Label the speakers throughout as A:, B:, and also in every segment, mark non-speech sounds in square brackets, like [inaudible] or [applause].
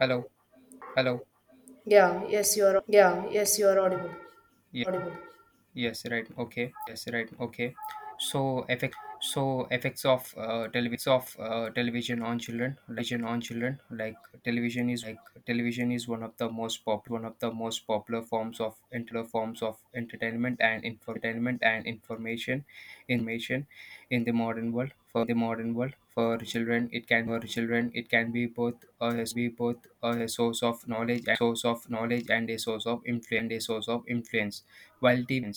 A: Hello, hello.
B: Yes, you are audible.
A: Yeah.
B: Audible.
A: Yes, right. Okay. Yes, right. Okay. So effect. So effects of television on children, like television is like television is one of the most pop one of the most popular forms of entertainment and information information in the modern world. For children, it can be both a source of knowledge and a source of influence while TV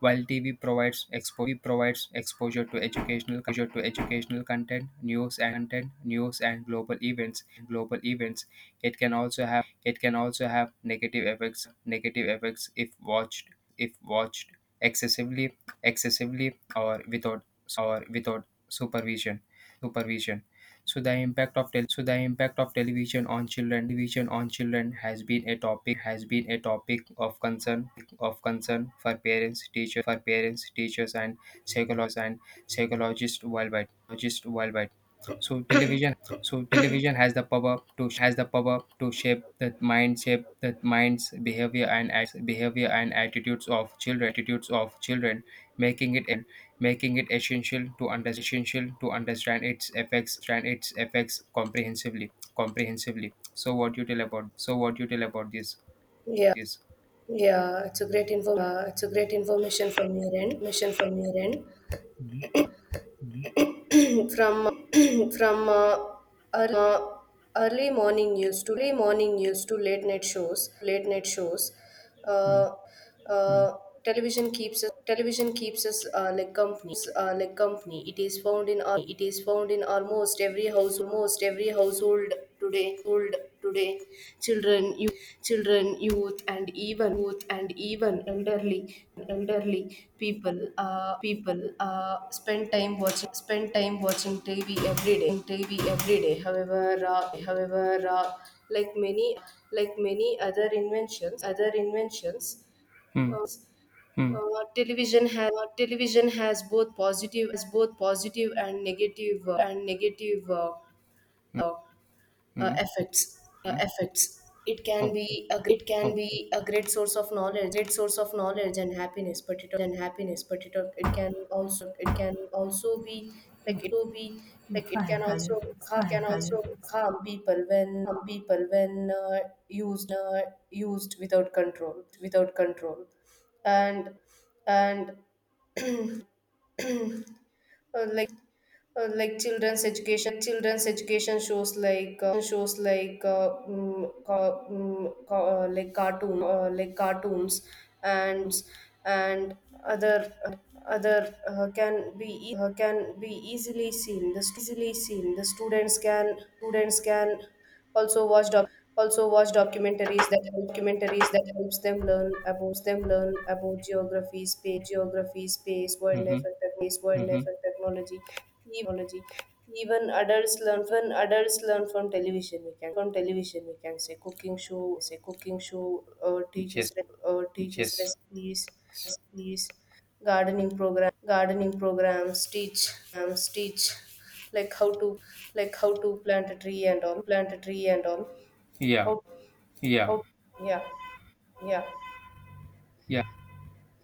A: provides exposure to educational content, news, and global events. It can also have negative effects if watched if watched excessively excessively or without supervision. supervision. So the impact of television on children has been a topic of concern for parents, teachers, and psychologists worldwide. Just worldwide. So television, has the power to shape the mind's behavior and attitudes of children, making it essential to understand its effects comprehensively so what you tell about this
B: Yeah,
A: this
B: yeah. It's a great information from your end. [clears throat] from [clears throat] from ear- early morning news to late night shows.
A: Hmm,
B: Uh,
A: hmm.
B: uh, Television keeps us like company. It is found in almost every house almost every household today. children, you, children, youth and even elderly people spend time watching TV every day. However, like many, like many other other inventions.
A: Hmm.
B: Uh,
A: Hmm.
B: Television has both positive as both positive and negative uh,
A: Hmm.
B: effects.
A: Hmm.
B: It can be
A: Okay.
B: a it can be
A: Okay.
B: a great source of knowledge and happiness. But it and happiness, but it can also be like it will be like it
A: Fine,
B: can
A: Kayo.
B: also
A: Fine,
B: can
A: Kayo.
B: also harm people when used uh, used without control without control and and uh, like like Children's education shows like mm, ca- like cartoon like cartoons and and other other can be e- can be easily seen the easily seen. The students can also watch doc- also watch documentaries that helps them learn about geography, space,
A: Mm-hmm. Mm-hmm.
B: wildlife and technology. Even adults learn when adults learn from television. We can from television we can say cooking show, say cooking show, uh, teaches
A: Yes.
B: re- uh, teaches
A: Yes.
B: recipes. Gardening programs teach like how to how to plant a tree and all plant a tree and all
A: Yeah.
B: oh
A: Yeah.
B: oh yeah yeah
A: Yeah.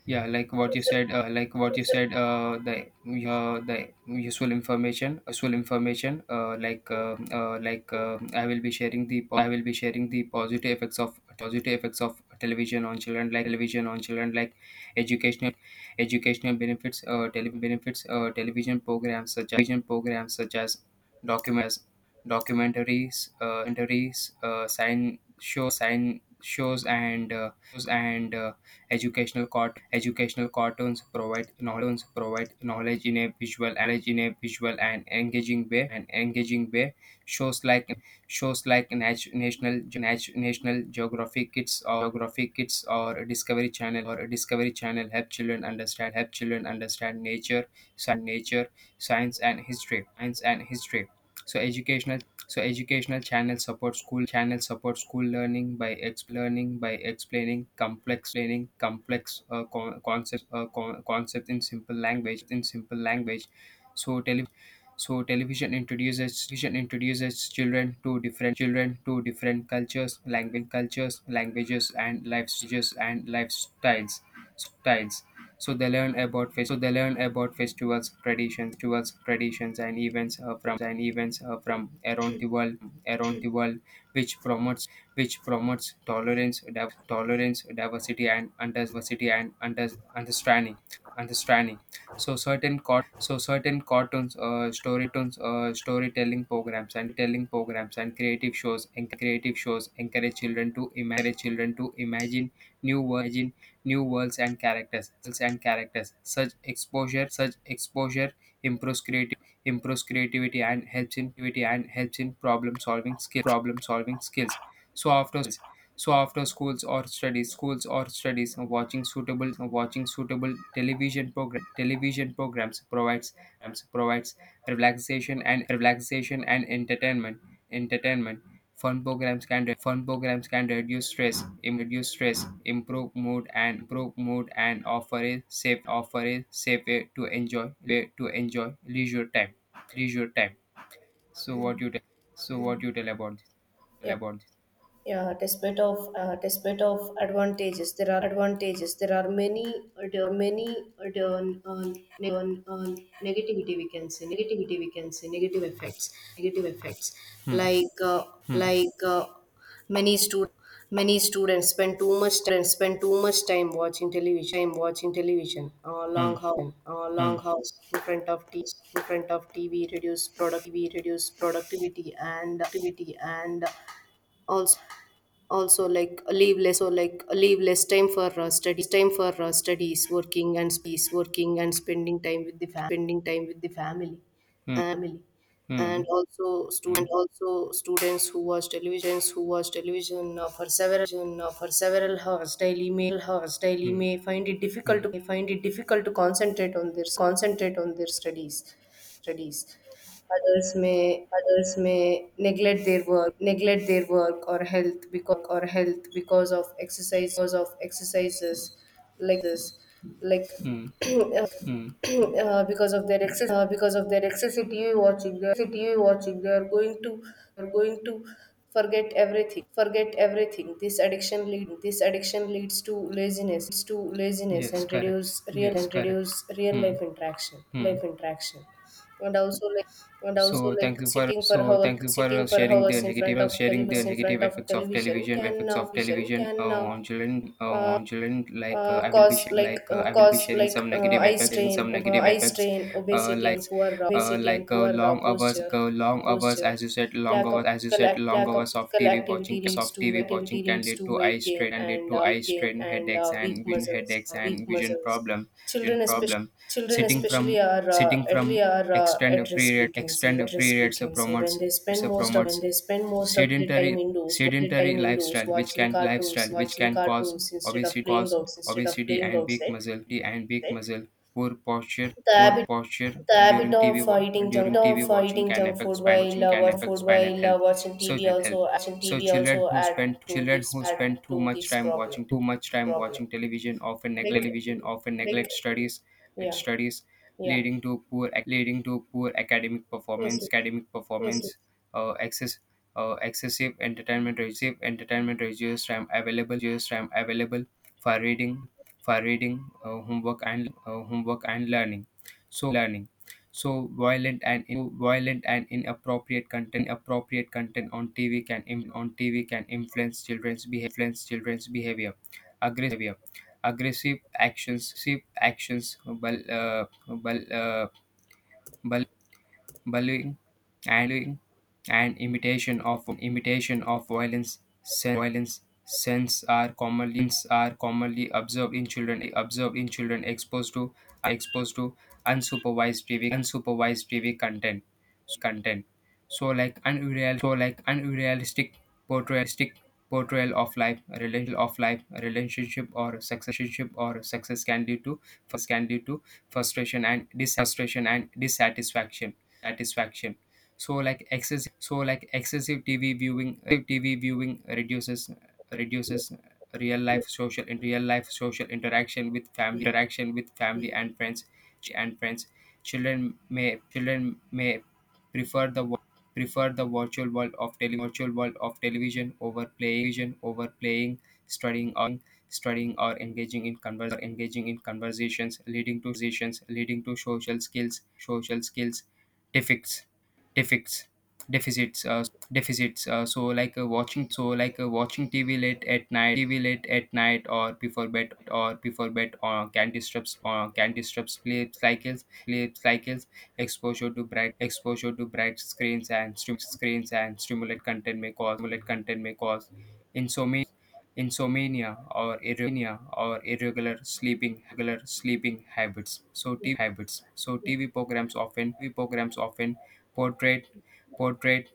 A: Yeah, like
B: It
A: what you
B: is
A: said,
B: a- it is a-
A: the useful information, I will be sharing the positive effects of television on children, like educational benefits, television programs such as documents, documentaries, sign shows and educational cartoons provide knowledge in a visual and engaging way. Shows like shows like Nat- National Geographic Kids or Discovery Channel help children understand nature, nature, science and history. So educational channels support school learning by explaining complex concept in simple language. So tele- so television introduces children to different cultures, language cultures, languages and lifestyles styles so they learn about festivals traditions towards traditions and events from around the world around the world, which promotes tolerance tolerance diversity and understanding understanding so certain cartoons, storytelling programs and creative shows encourage children to imagine new world new worlds and characters such exposure improves creative improves creativity and helps in problem solving skills so after so after schools or studies, watching suitable television programs provides provides relaxation and entertainment entertainment. Fun programs can reduce stress, improve mood and offer a safe way to enjoy leisure time leisure time. So what you tell about this? Tell
B: yeah
A: about this.
B: Yeah, despite of advantages. There are many there are many there are, ne- negativity we can say negativity we can say negative effects
A: Hmm.
B: like uh,
A: Hmm.
B: like many students many students spend too much time watching television
A: Hmm.
B: long
A: Hmm.
B: hours in front of t in front of TV. Reduce productivity and activity and also leave less time for studies, working and spending time with the family.
A: Hmm. Hmm.
B: And also,
A: Hmm.
B: students who watch television for several hours daily
A: Hmm.
B: may find it difficult
A: Hmm.
B: to concentrate on their studies. Others may neglect their work or health, because of exercises like this like
A: Hmm.
B: [clears throat] uh,
A: Hmm.
B: [clears throat] because of their excess Because of their excessive TV watching they TV watching they are going to forget everything forget everything. This addiction leads to laziness
A: Yes,
B: and
A: correct. Yes, correct.
B: reduce real
A: Hmm.
B: life interaction
A: Hmm.
B: life interaction. And and also
A: So thank
B: like
A: you for
B: sitting for sitting for hours in front of
A: sharing the negative effects of
B: television
A: television
B: can vision can
A: on children
B: uh,
A: like
B: cause
A: I will be sharing some negative
B: eye
A: effects
B: strain, eye strain obesity
A: like
B: and poor
A: long hours
B: posture.
A: as you said
B: Lack of physical
A: long
B: lack of
A: hours of
B: physical
A: TV
B: activity
A: watching
B: leads to
A: of TV
B: weight activity
A: watching can
B: leads
A: lead
B: to
A: to eye
B: weight
A: strain and lead to eye
B: gain
A: strain
B: and
A: headaches
B: weak
A: and vision
B: muscles uh, weak muscles
A: problem
B: Children,
A: vision
B: especially
A: problem
B: children,
A: sitting
B: especially,
A: from
B: are
A: sitting
B: actually
A: from
B: are
A: extend
B: at risk, we
A: periods
B: can say at risk. We can say when
A: promotes
B: they spend most of
A: promotes
B: their
A: sedentary
B: time indoors,
A: lifestyle which
B: watching
A: can
B: cartoons watching
A: cause
B: cartoons instead of
A: obesity cause
B: instead of
A: obesity
B: playing
A: and big
B: outside.
A: muscle
B: Right?
A: poor posture
B: The habit
A: during
B: of eating junk
A: during tv
B: of
A: watching
B: eating
A: can
B: junk
A: affect
B: food while uh, watching food
A: spinal
B: while uh,
A: health
B: watching
A: so
B: TV
A: health
B: also watching
A: so
B: TV
A: children
B: also
A: who spend
B: add
A: too
B: to
A: much
B: this
A: time
B: problem
A: watching
B: problem
A: television often neglect
B: like like
A: studies neglect
B: yeah
A: studies
B: yeah
A: leading to poor leading to poor academic
B: Yes,
A: performance
B: yes, yes, yes.
A: uh, excess excessive entertainment receive entertainment reduces time available for reading homework and learning so learning, so violent and inappropriate content appropriate content on tv can on tv can influence children's behavior aggressive actions bul- uh, bullying, and imitation of violence Sen- violence, sense are commonly observed in children exposed to exposed to unsupervised TV content. content. So like unrealistic portrayal portrayal of life, relation of life, relationship or successorship or success can lead to can lead to frustration and frustration and dissatisfaction satisfaction so like excessive tv viewing tv viewing reduces reduces real life social interaction with
B: Yeah,
A: family
B: yeah.
A: and friends and friends children may may prefer the wo- prefer the virtual world of virtual world of television over playing studying or engaging in converse engaging in conversations leading to social skills social skills defects defects deficits so like watching tv late at night or before bed or can disrupt sleep cycles exposure to bright screens and screens and stimulate content may cause insomnia or irromania or irregular sleeping regular sleeping habits. So TV programs often portray portray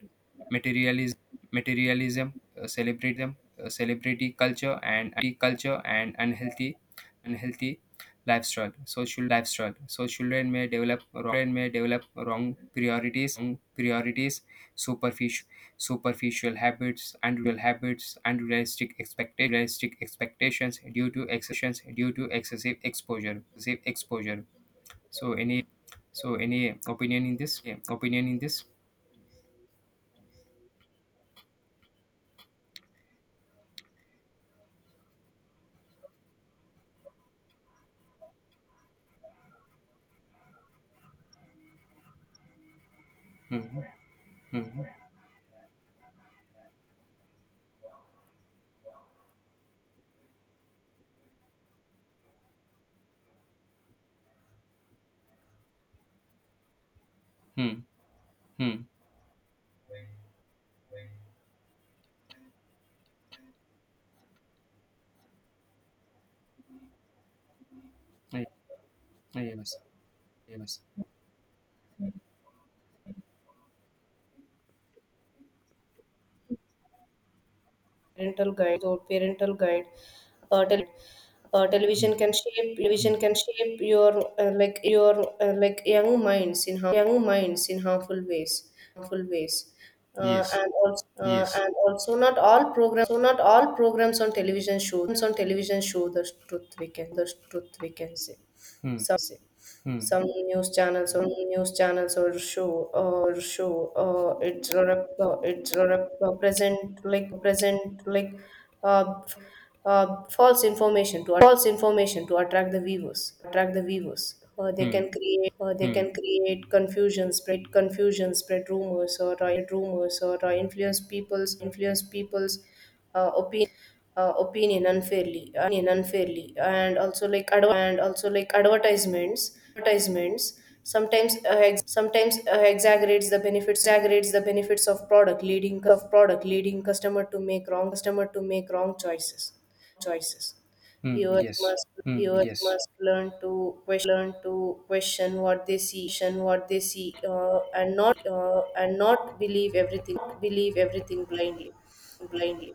A: materialism, materialism, uh, celebrate them, celebrity culture and unhealthy, unhealthy lifestyle. Social lifestyle. So children may develop wrong, priorities, superficial habits, unreal habits, unrealistic, unrealistic expectations due to excessions due to excessive exposure. So any opinion in this? Hmm hmm hmm hmm Yeah, yes. Yes.
B: Parental guide or parental guide tel- Television
A: Hmm.
B: can shape
A: Hmm.
B: television can shape your like your like young minds in young minds in harmful ways
A: Yes. Yes.
B: and also Not all programs, so not all programs on television show on television, show the truth, we can the truth we can say
A: Hmm.
B: some say
A: Hmm.
B: Some news channels or show it's rep- present like f- false information to attract the viewers. uh, they
A: Hmm.
B: can create uh, they
A: Hmm.
B: can create confusion, spread rumors, or influence people's opinion unfairly. Opinion unfairly and also like adver- and also like advertisements advertisements sometimes sometimes exaggerates the benefits of product leading customer to make wrong choices.
A: Hmm.
B: Viewers
A: Yes.
B: must
A: Hmm. Yes.
B: learn to question learn to question what they see what they see, and not believe everything blindly. blindly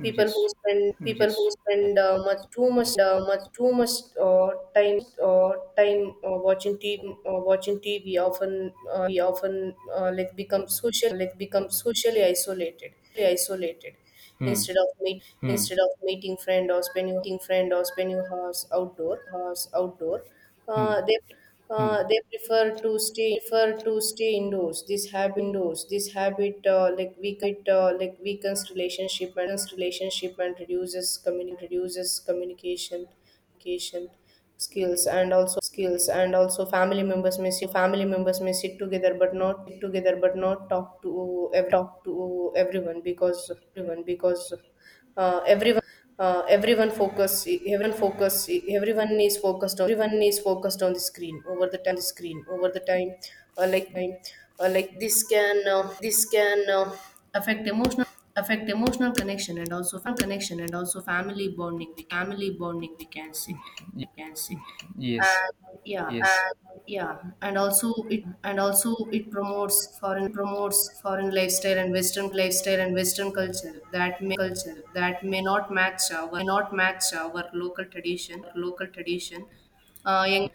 B: People who spend people who
A: Yes.
B: spend much too much uh, time watching TV often we often like become social like become socially isolated, isolated
A: Hmm.
B: instead of meet
A: Hmm.
B: instead of meeting friend or spending hours outdoor
A: Hmm.
B: uh, they
A: Hmm.
B: they prefer to stay indoors. This habit weakens relationship and relationship and reduces communi- reduces communication communication skills. And also, family members may sit together but not talk to everyone because everyone everyone focus everyone focus everyone is focused on everyone is focused on the screen over the time. uh, like time this can affect emotional connection and also family bonding, family bonding we can say
A: Y-
B: can say
A: Yes.
B: And yeah
A: Yes.
B: and yeah and also it promotes foreign lifestyle and western culture that may not match our local tradition. Young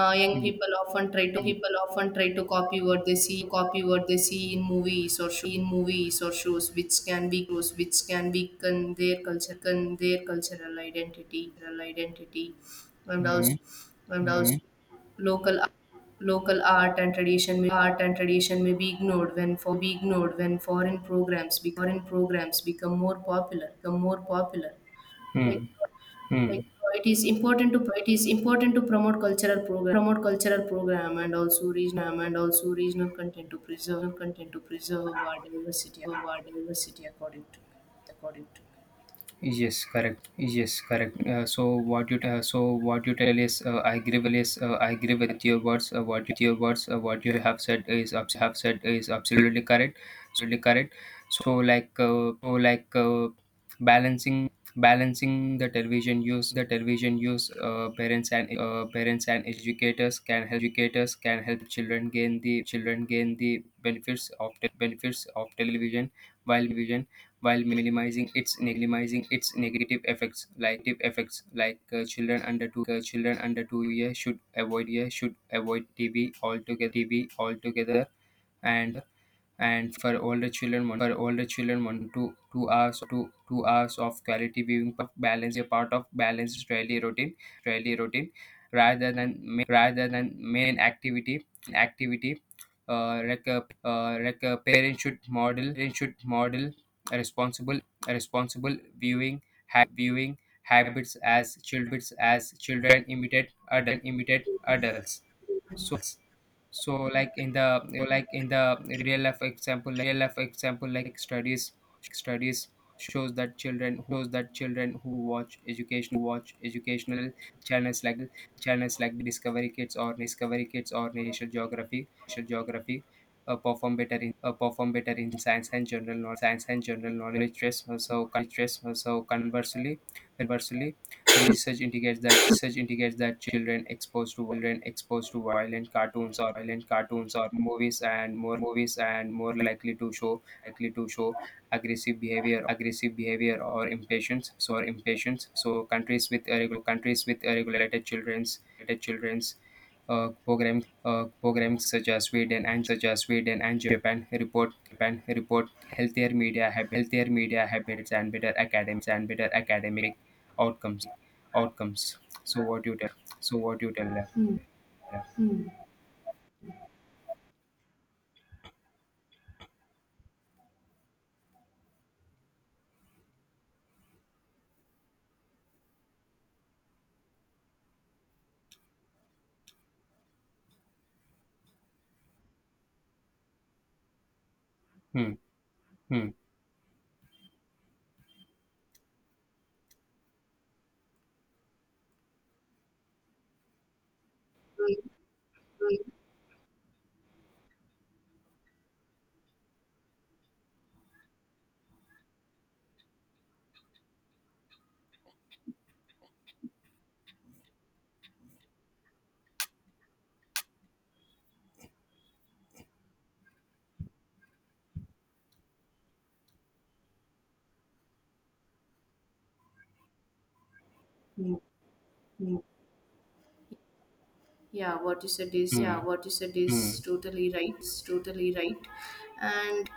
B: people often try to
A: hmm,
B: copy what they see in movies or show, in movies or shows which can be close which can be con- their cultural identity. Cultural identity windows
A: hmm, hmm,
B: windows Local art and tradition may be ignored when for be ignored when foreign programs be, foreign programs become more popular. Like
A: hmm, hmm.
B: like it is important to promote cultural program and also regional content to preserve our diversity, according to me.
A: Yes, correct. Yes, correct. So what you tell is I agree with your words. What you have said is have said is absolutely correct. Absolutely correct. So like balancing the television use parents and educators can help children gain the benefits of television while vision while minimizing its negative effects like children under 2 years should avoid tv altogether altogether and for older children want to 2 hours of quality viewing of balanced daily routine daily routine rather than rather than main activity activity like a parent should model a responsible viewing ha- viewing habits as children imitate adult imitate adults so like in the like in the real life example like studies studies shows that children who watch educational channels like discovery kids or national geography perform better in science and general knowledge so conversely research indicates that children exposed to violent cartoons or movies and more likely to show aggressive behavior or impatience. So countries with regulated children's programs such as Sweden and Japan report healthier media habits, and better academics and better academic outcomes outcomes. So what you tell? So what you tell them? Yeah. Hmm. Hmm.
B: Hmm, hmm. Yeah, what you said is
A: Hmm. Hmm.
B: totally right. it's totally right and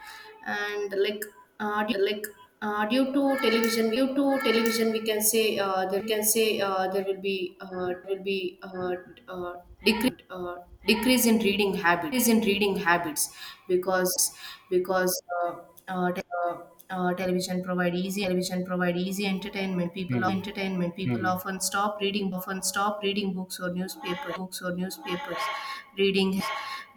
B: and like audio like Due to television, due to television we can say there can say there will be uh, decrease decrease in reading habits Decrease in reading habits because because te- television provide easy entertainment. People
A: Hmm. Hmm.
B: often stop reading books or newspapers. Reading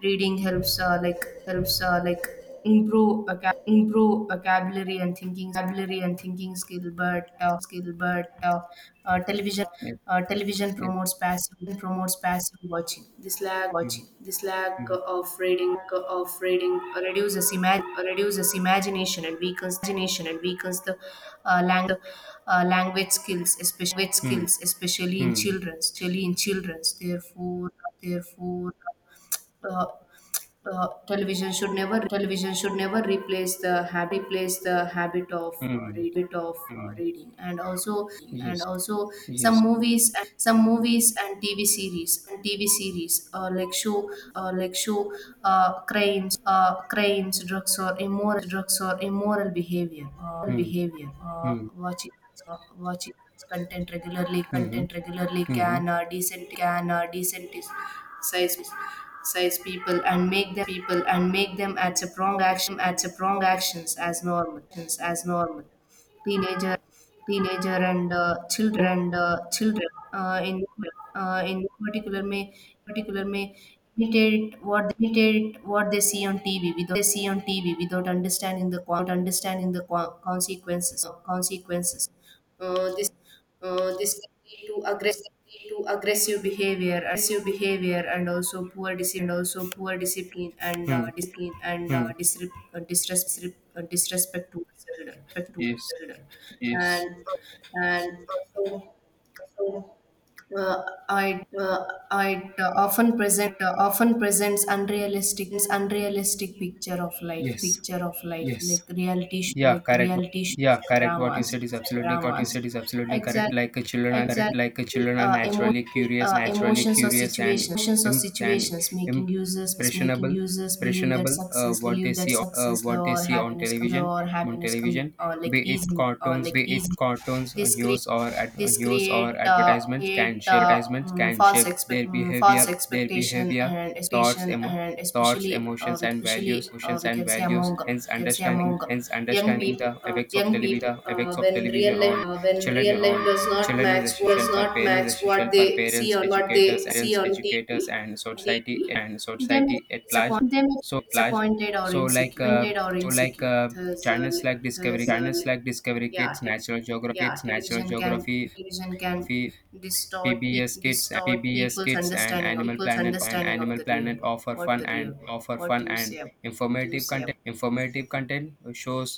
B: reading helps like helps like improve improve vocabulary and thinking skill but television
A: Yep. Yep.
B: promotes passive watching. This lack
A: Hmm. Hmm.
B: of reading reduces reduces imagination and weakens the lang- language skills, especially
A: Hmm.
B: in
A: Hmm.
B: children. Therefore, uh, television should never replace the habit replace the habit of uh,
A: Hmm.
B: read, of uh,
A: Hmm.
B: reading and also
A: Yes.
B: and also some
A: Yes.
B: movies and tv series like show crimes drugs or immoral behavior
A: Hmm. Hmm.
B: watching content regularly
A: Hmm. Hmm.
B: can decent can decent size size people and make them at a prong action at a prong actions as normal as normal teenager and children and children uh, in in particular may particular may imitate imitate what they see on TV without understanding the consequences uh, this this can lead to aggressive aggressive behavior, and also poor discipline and also poor discipline and
A: Hmm.
B: discipline and
A: Hmm.
B: disre- disres- disrespect towards children, respect towards
A: Yes.
B: children,
A: Yes.
B: and also uh, I uh, I often present often presents unrealistic picture of life
A: Yes. Yes.
B: like
A: Yeah,
B: like
A: correct.
B: reality shows
A: Yeah,
B: and
A: correct. What you
B: dramas
A: said is absolutely what you said
B: dramas
A: is absolutely correct.
B: exactly
A: Like a children are correct. Like a
B: Exactly.
A: children are
B: Uh, emo-
A: naturally curious, naturally
B: Emotions or
A: curious and
B: situations
A: imp- and
B: making users
A: impressionable,
B: believe that
A: impressionable.
B: success
A: What they see on what
B: love
A: they
B: or
A: see on
B: happiness come
A: television, on television,
B: like
A: be it
B: easy
A: cartoons, be it cartoons, uh,
B: this create
A: news or ad- uh,
B: this
A: news or
B: create
A: advertisements can
B: create
A: shape advertisements
B: mm,
A: can
B: false
A: shape
B: expect
A: their
B: mm, false
A: behavior, their
B: expectation
A: behavior,
B: and
A: thoughts,
B: expectation and
A: thoughts,
B: especially
A: emotions, and
B: especially
A: values. Emotions
B: we
A: and
B: can say
A: values.
B: among
A: Hence,
B: can say
A: understanding
B: among
A: hence
B: young
A: understanding
B: people
A: the
B: uh,
A: effects of
B: young
A: television
B: people
A: The
B: Uh,
A: effects of television on children On
B: does not
A: children is
B: match
A: essential for parents, Is
B: what
A: Essential for
B: they see
A: parents,
B: on
A: educators, Parents, educators,
B: TV,
A: and society
B: TV,
A: and
B: they may
A: society at large.
B: they may feel
A: So, at large.
B: disappointed or
A: So
B: insecure,
A: like uh, so like
B: Thus,
A: channels like Discovery China's like Discovery
B: yeah,
A: Kids,
B: te-
A: natural geography.
B: yeah,
A: Kids, Natural
B: television can
A: Geography,
B: television can distort
A: PBS Kids,
B: distort
A: PBS
B: people's
A: Kids, and
B: understanding of
A: Animal Planet and Animal
B: the real
A: Planet
B: world.
A: offer
B: What
A: fun and offer
B: Do
A: fun
B: you
A: and
B: say about? What do you
A: informative
B: say? About,
A: content. Informative content shows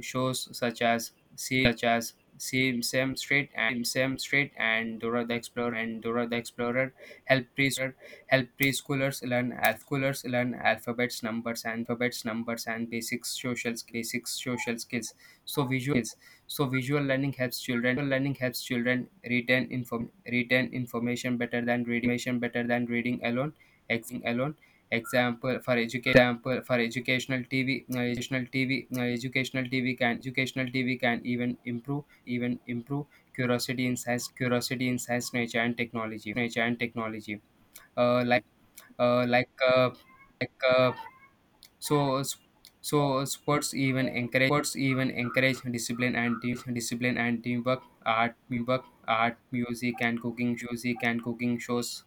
A: shows such as see Sam Street and Dora the Explorer help preschoolers learn alphabets, numbers, and basic social skills. So visual so visual learning helps children retain information better than reading alone. Ex- alone. Example for educational TV educational TV educational TV can educational TV can even improve curiosity in science, nature, and technology. Uh, uh, like uh, like so, so sports even encourage discipline and teamwork. Art, music and cooking, music and cooking shows,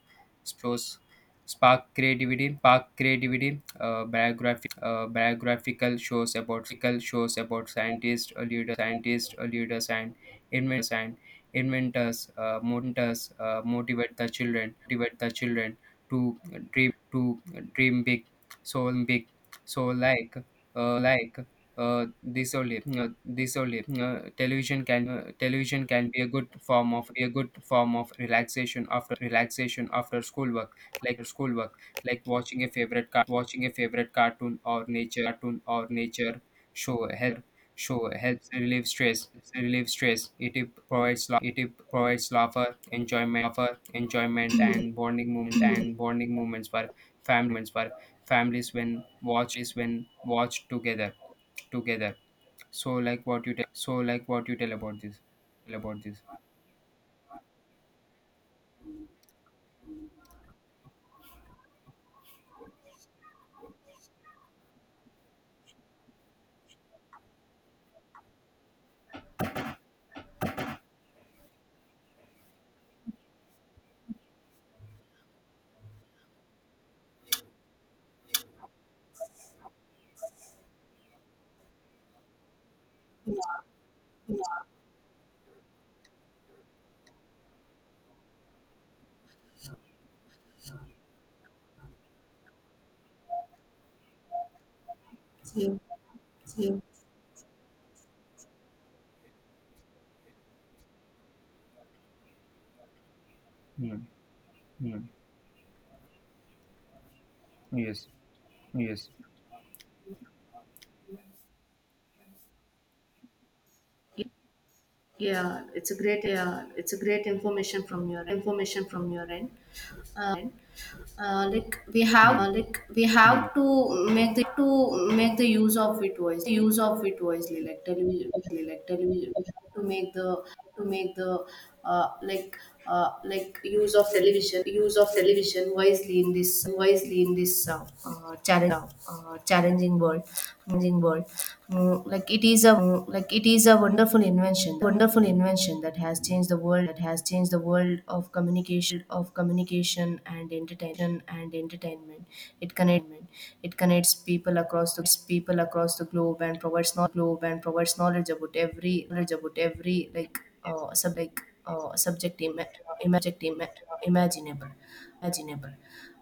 A: shows spark creativity. Biography, biographical shows about scientists, leaders, and inventors and inventors motivate the children to to dream big so like uh, like this only Television can be a good form of a good form of relaxation after schoolwork, like schoolwork like watching a favorite cartoon or nature show help show helps relieve stress. It provides la- it provides laughter, enjoyment, and bonding moments for families families when watched together. So like what you tell so like what you tell about this?
B: Yeah.
A: Mm, mm, yes, yes,
B: Yeah. It's a great information from your end. Uh,
A: mm,
B: like we
A: mm,
B: have to make the use of it wisely, use of it wisely. Like television, we have to make the uh, like like use of television, wisely in this
A: yes, yes,
B: challenging world, challenging world. Mm, like it is a like it. It is a wonderful invention, that has changed the world, of communication, and entertainment It connects, people across the globe and provides knowledge, about every like sub like subject ima- ima- subject ima- imaginable, imaginable.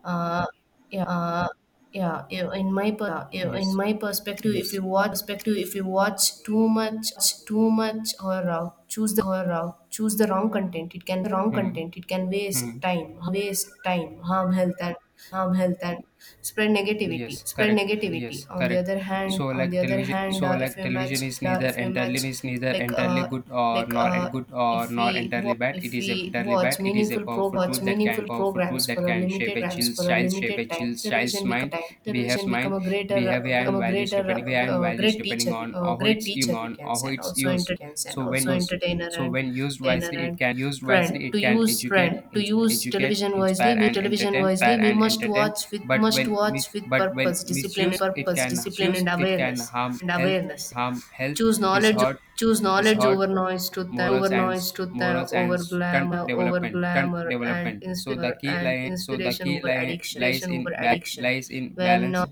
B: Uh, yeah, yeah. yeah, In my per- yeah, in
A: yes.
B: my perspective, if
A: Yes.
B: you watch too much, or choose the wrong content,
A: Hmm.
B: it can
A: Hmm.
B: waste time, harm health and harm health and spread negativity.
A: Yes, correct. Yes,
B: On the
A: correct.
B: other hand,
A: So like television, so
B: if
A: like
B: you match,
A: television is
B: uh,
A: neither
B: if you match,
A: entirely is neither
B: like
A: entirely
B: uh, like uh.
A: good or
B: If
A: nor
B: we
A: entirely bad. It
B: if
A: is a
B: we
A: entirely
B: watch
A: bad. It is a
B: meaningful
A: powerful tool
B: programs,
A: that can powerful tool
B: for
A: that
B: a
A: can shape
B: limited
A: a child's child shape a child's child's mind,
B: time.
A: behaves
B: Television become
A: mind,
B: a greater,
A: behavior and values depending and values
B: great
A: depending
B: teacher. We,
A: on how
B: great
A: it's used
B: teacher we
A: on
B: can
A: how
B: send
A: it's
B: also
A: used.
B: entertainer and
A: So when used. So when used wisely, it can used
B: friend
A: wisely.
B: to
A: It can
B: use
A: educate, ins- educate,
B: television wisely.
A: inspire,
B: We,
A: and
B: television
A: entertain,
B: wisely.
A: inspire
B: We
A: and entertain, but
B: must
A: when
B: watch
A: mis-
B: with
A: but when
B: purpose, discipline,
A: misused it can
B: and
A: used it can
B: awareness,
A: harm
B: and
A: health
B: awareness
A: harm health
B: choose knowledge
A: distort distort
B: over noise, truth and- over
A: morals and
B: noise
A: s-
B: truth and
A: morals
B: over
A: and stunt
B: glamour over
A: development stunt
B: glamour
A: development
B: and
A: So the
B: inspire
A: key
B: and
A: lie so the
B: inspiration
A: key
B: over
A: lie
B: addiction.
A: lies in ba- lies in
B: When uh,
A: balance,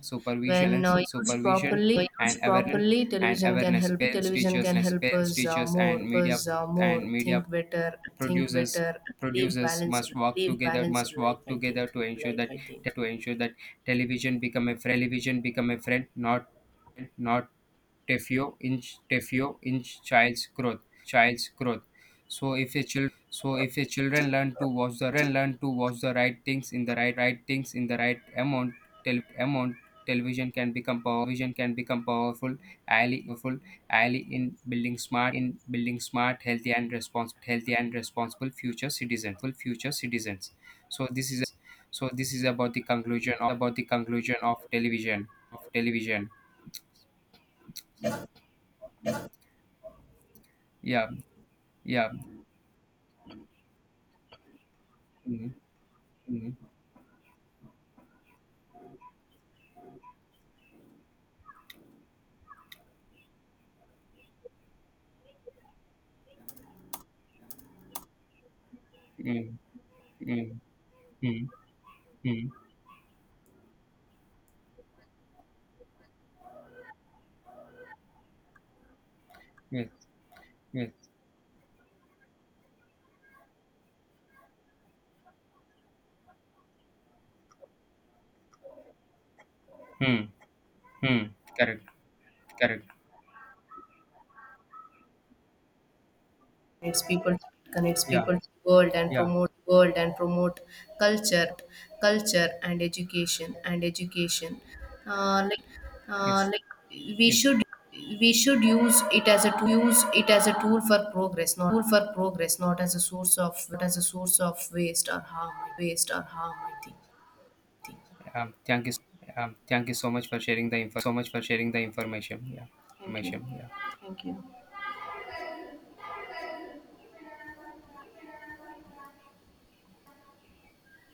B: when
A: supervision
B: uh, used
A: supervision
B: properly, when
A: and
B: used
A: awareness
B: properly
A: and
B: television can
A: awareness
B: help
A: parents teachers parents
B: us
A: teachers
B: more
A: and media
B: us more
A: and media
B: think
A: producers
B: better live
A: producers
B: balanced
A: must work together must work
B: life, I
A: together
B: think.
A: to ensure that
B: life i think
A: to ensure that television become a friend, not Tefio in Tefio, in child's growth. So if the children learn to watch the children learn to watch the right things in the right right things in the right amount, television can become powerful ally in building smart, healthy, and responsible future citizens. so this is so this is about the conclusion of television. yeah yeah. Mm, mm, mm, mm, mm. Yes, yes. Mm, mm. Correct, correct.
B: connects people
A: Yeah,
B: to
A: yeah.
B: world and promote culture and education. Uh, like
A: Yes,
B: we
A: yes.
B: should use it as a tool for progress, not as a source of not as a source of waste or harm, I think.
A: Um, thank you. Thank you so much for sharing the information. Yeah,
B: Thank you.
A: information. Yeah.
B: Thank you.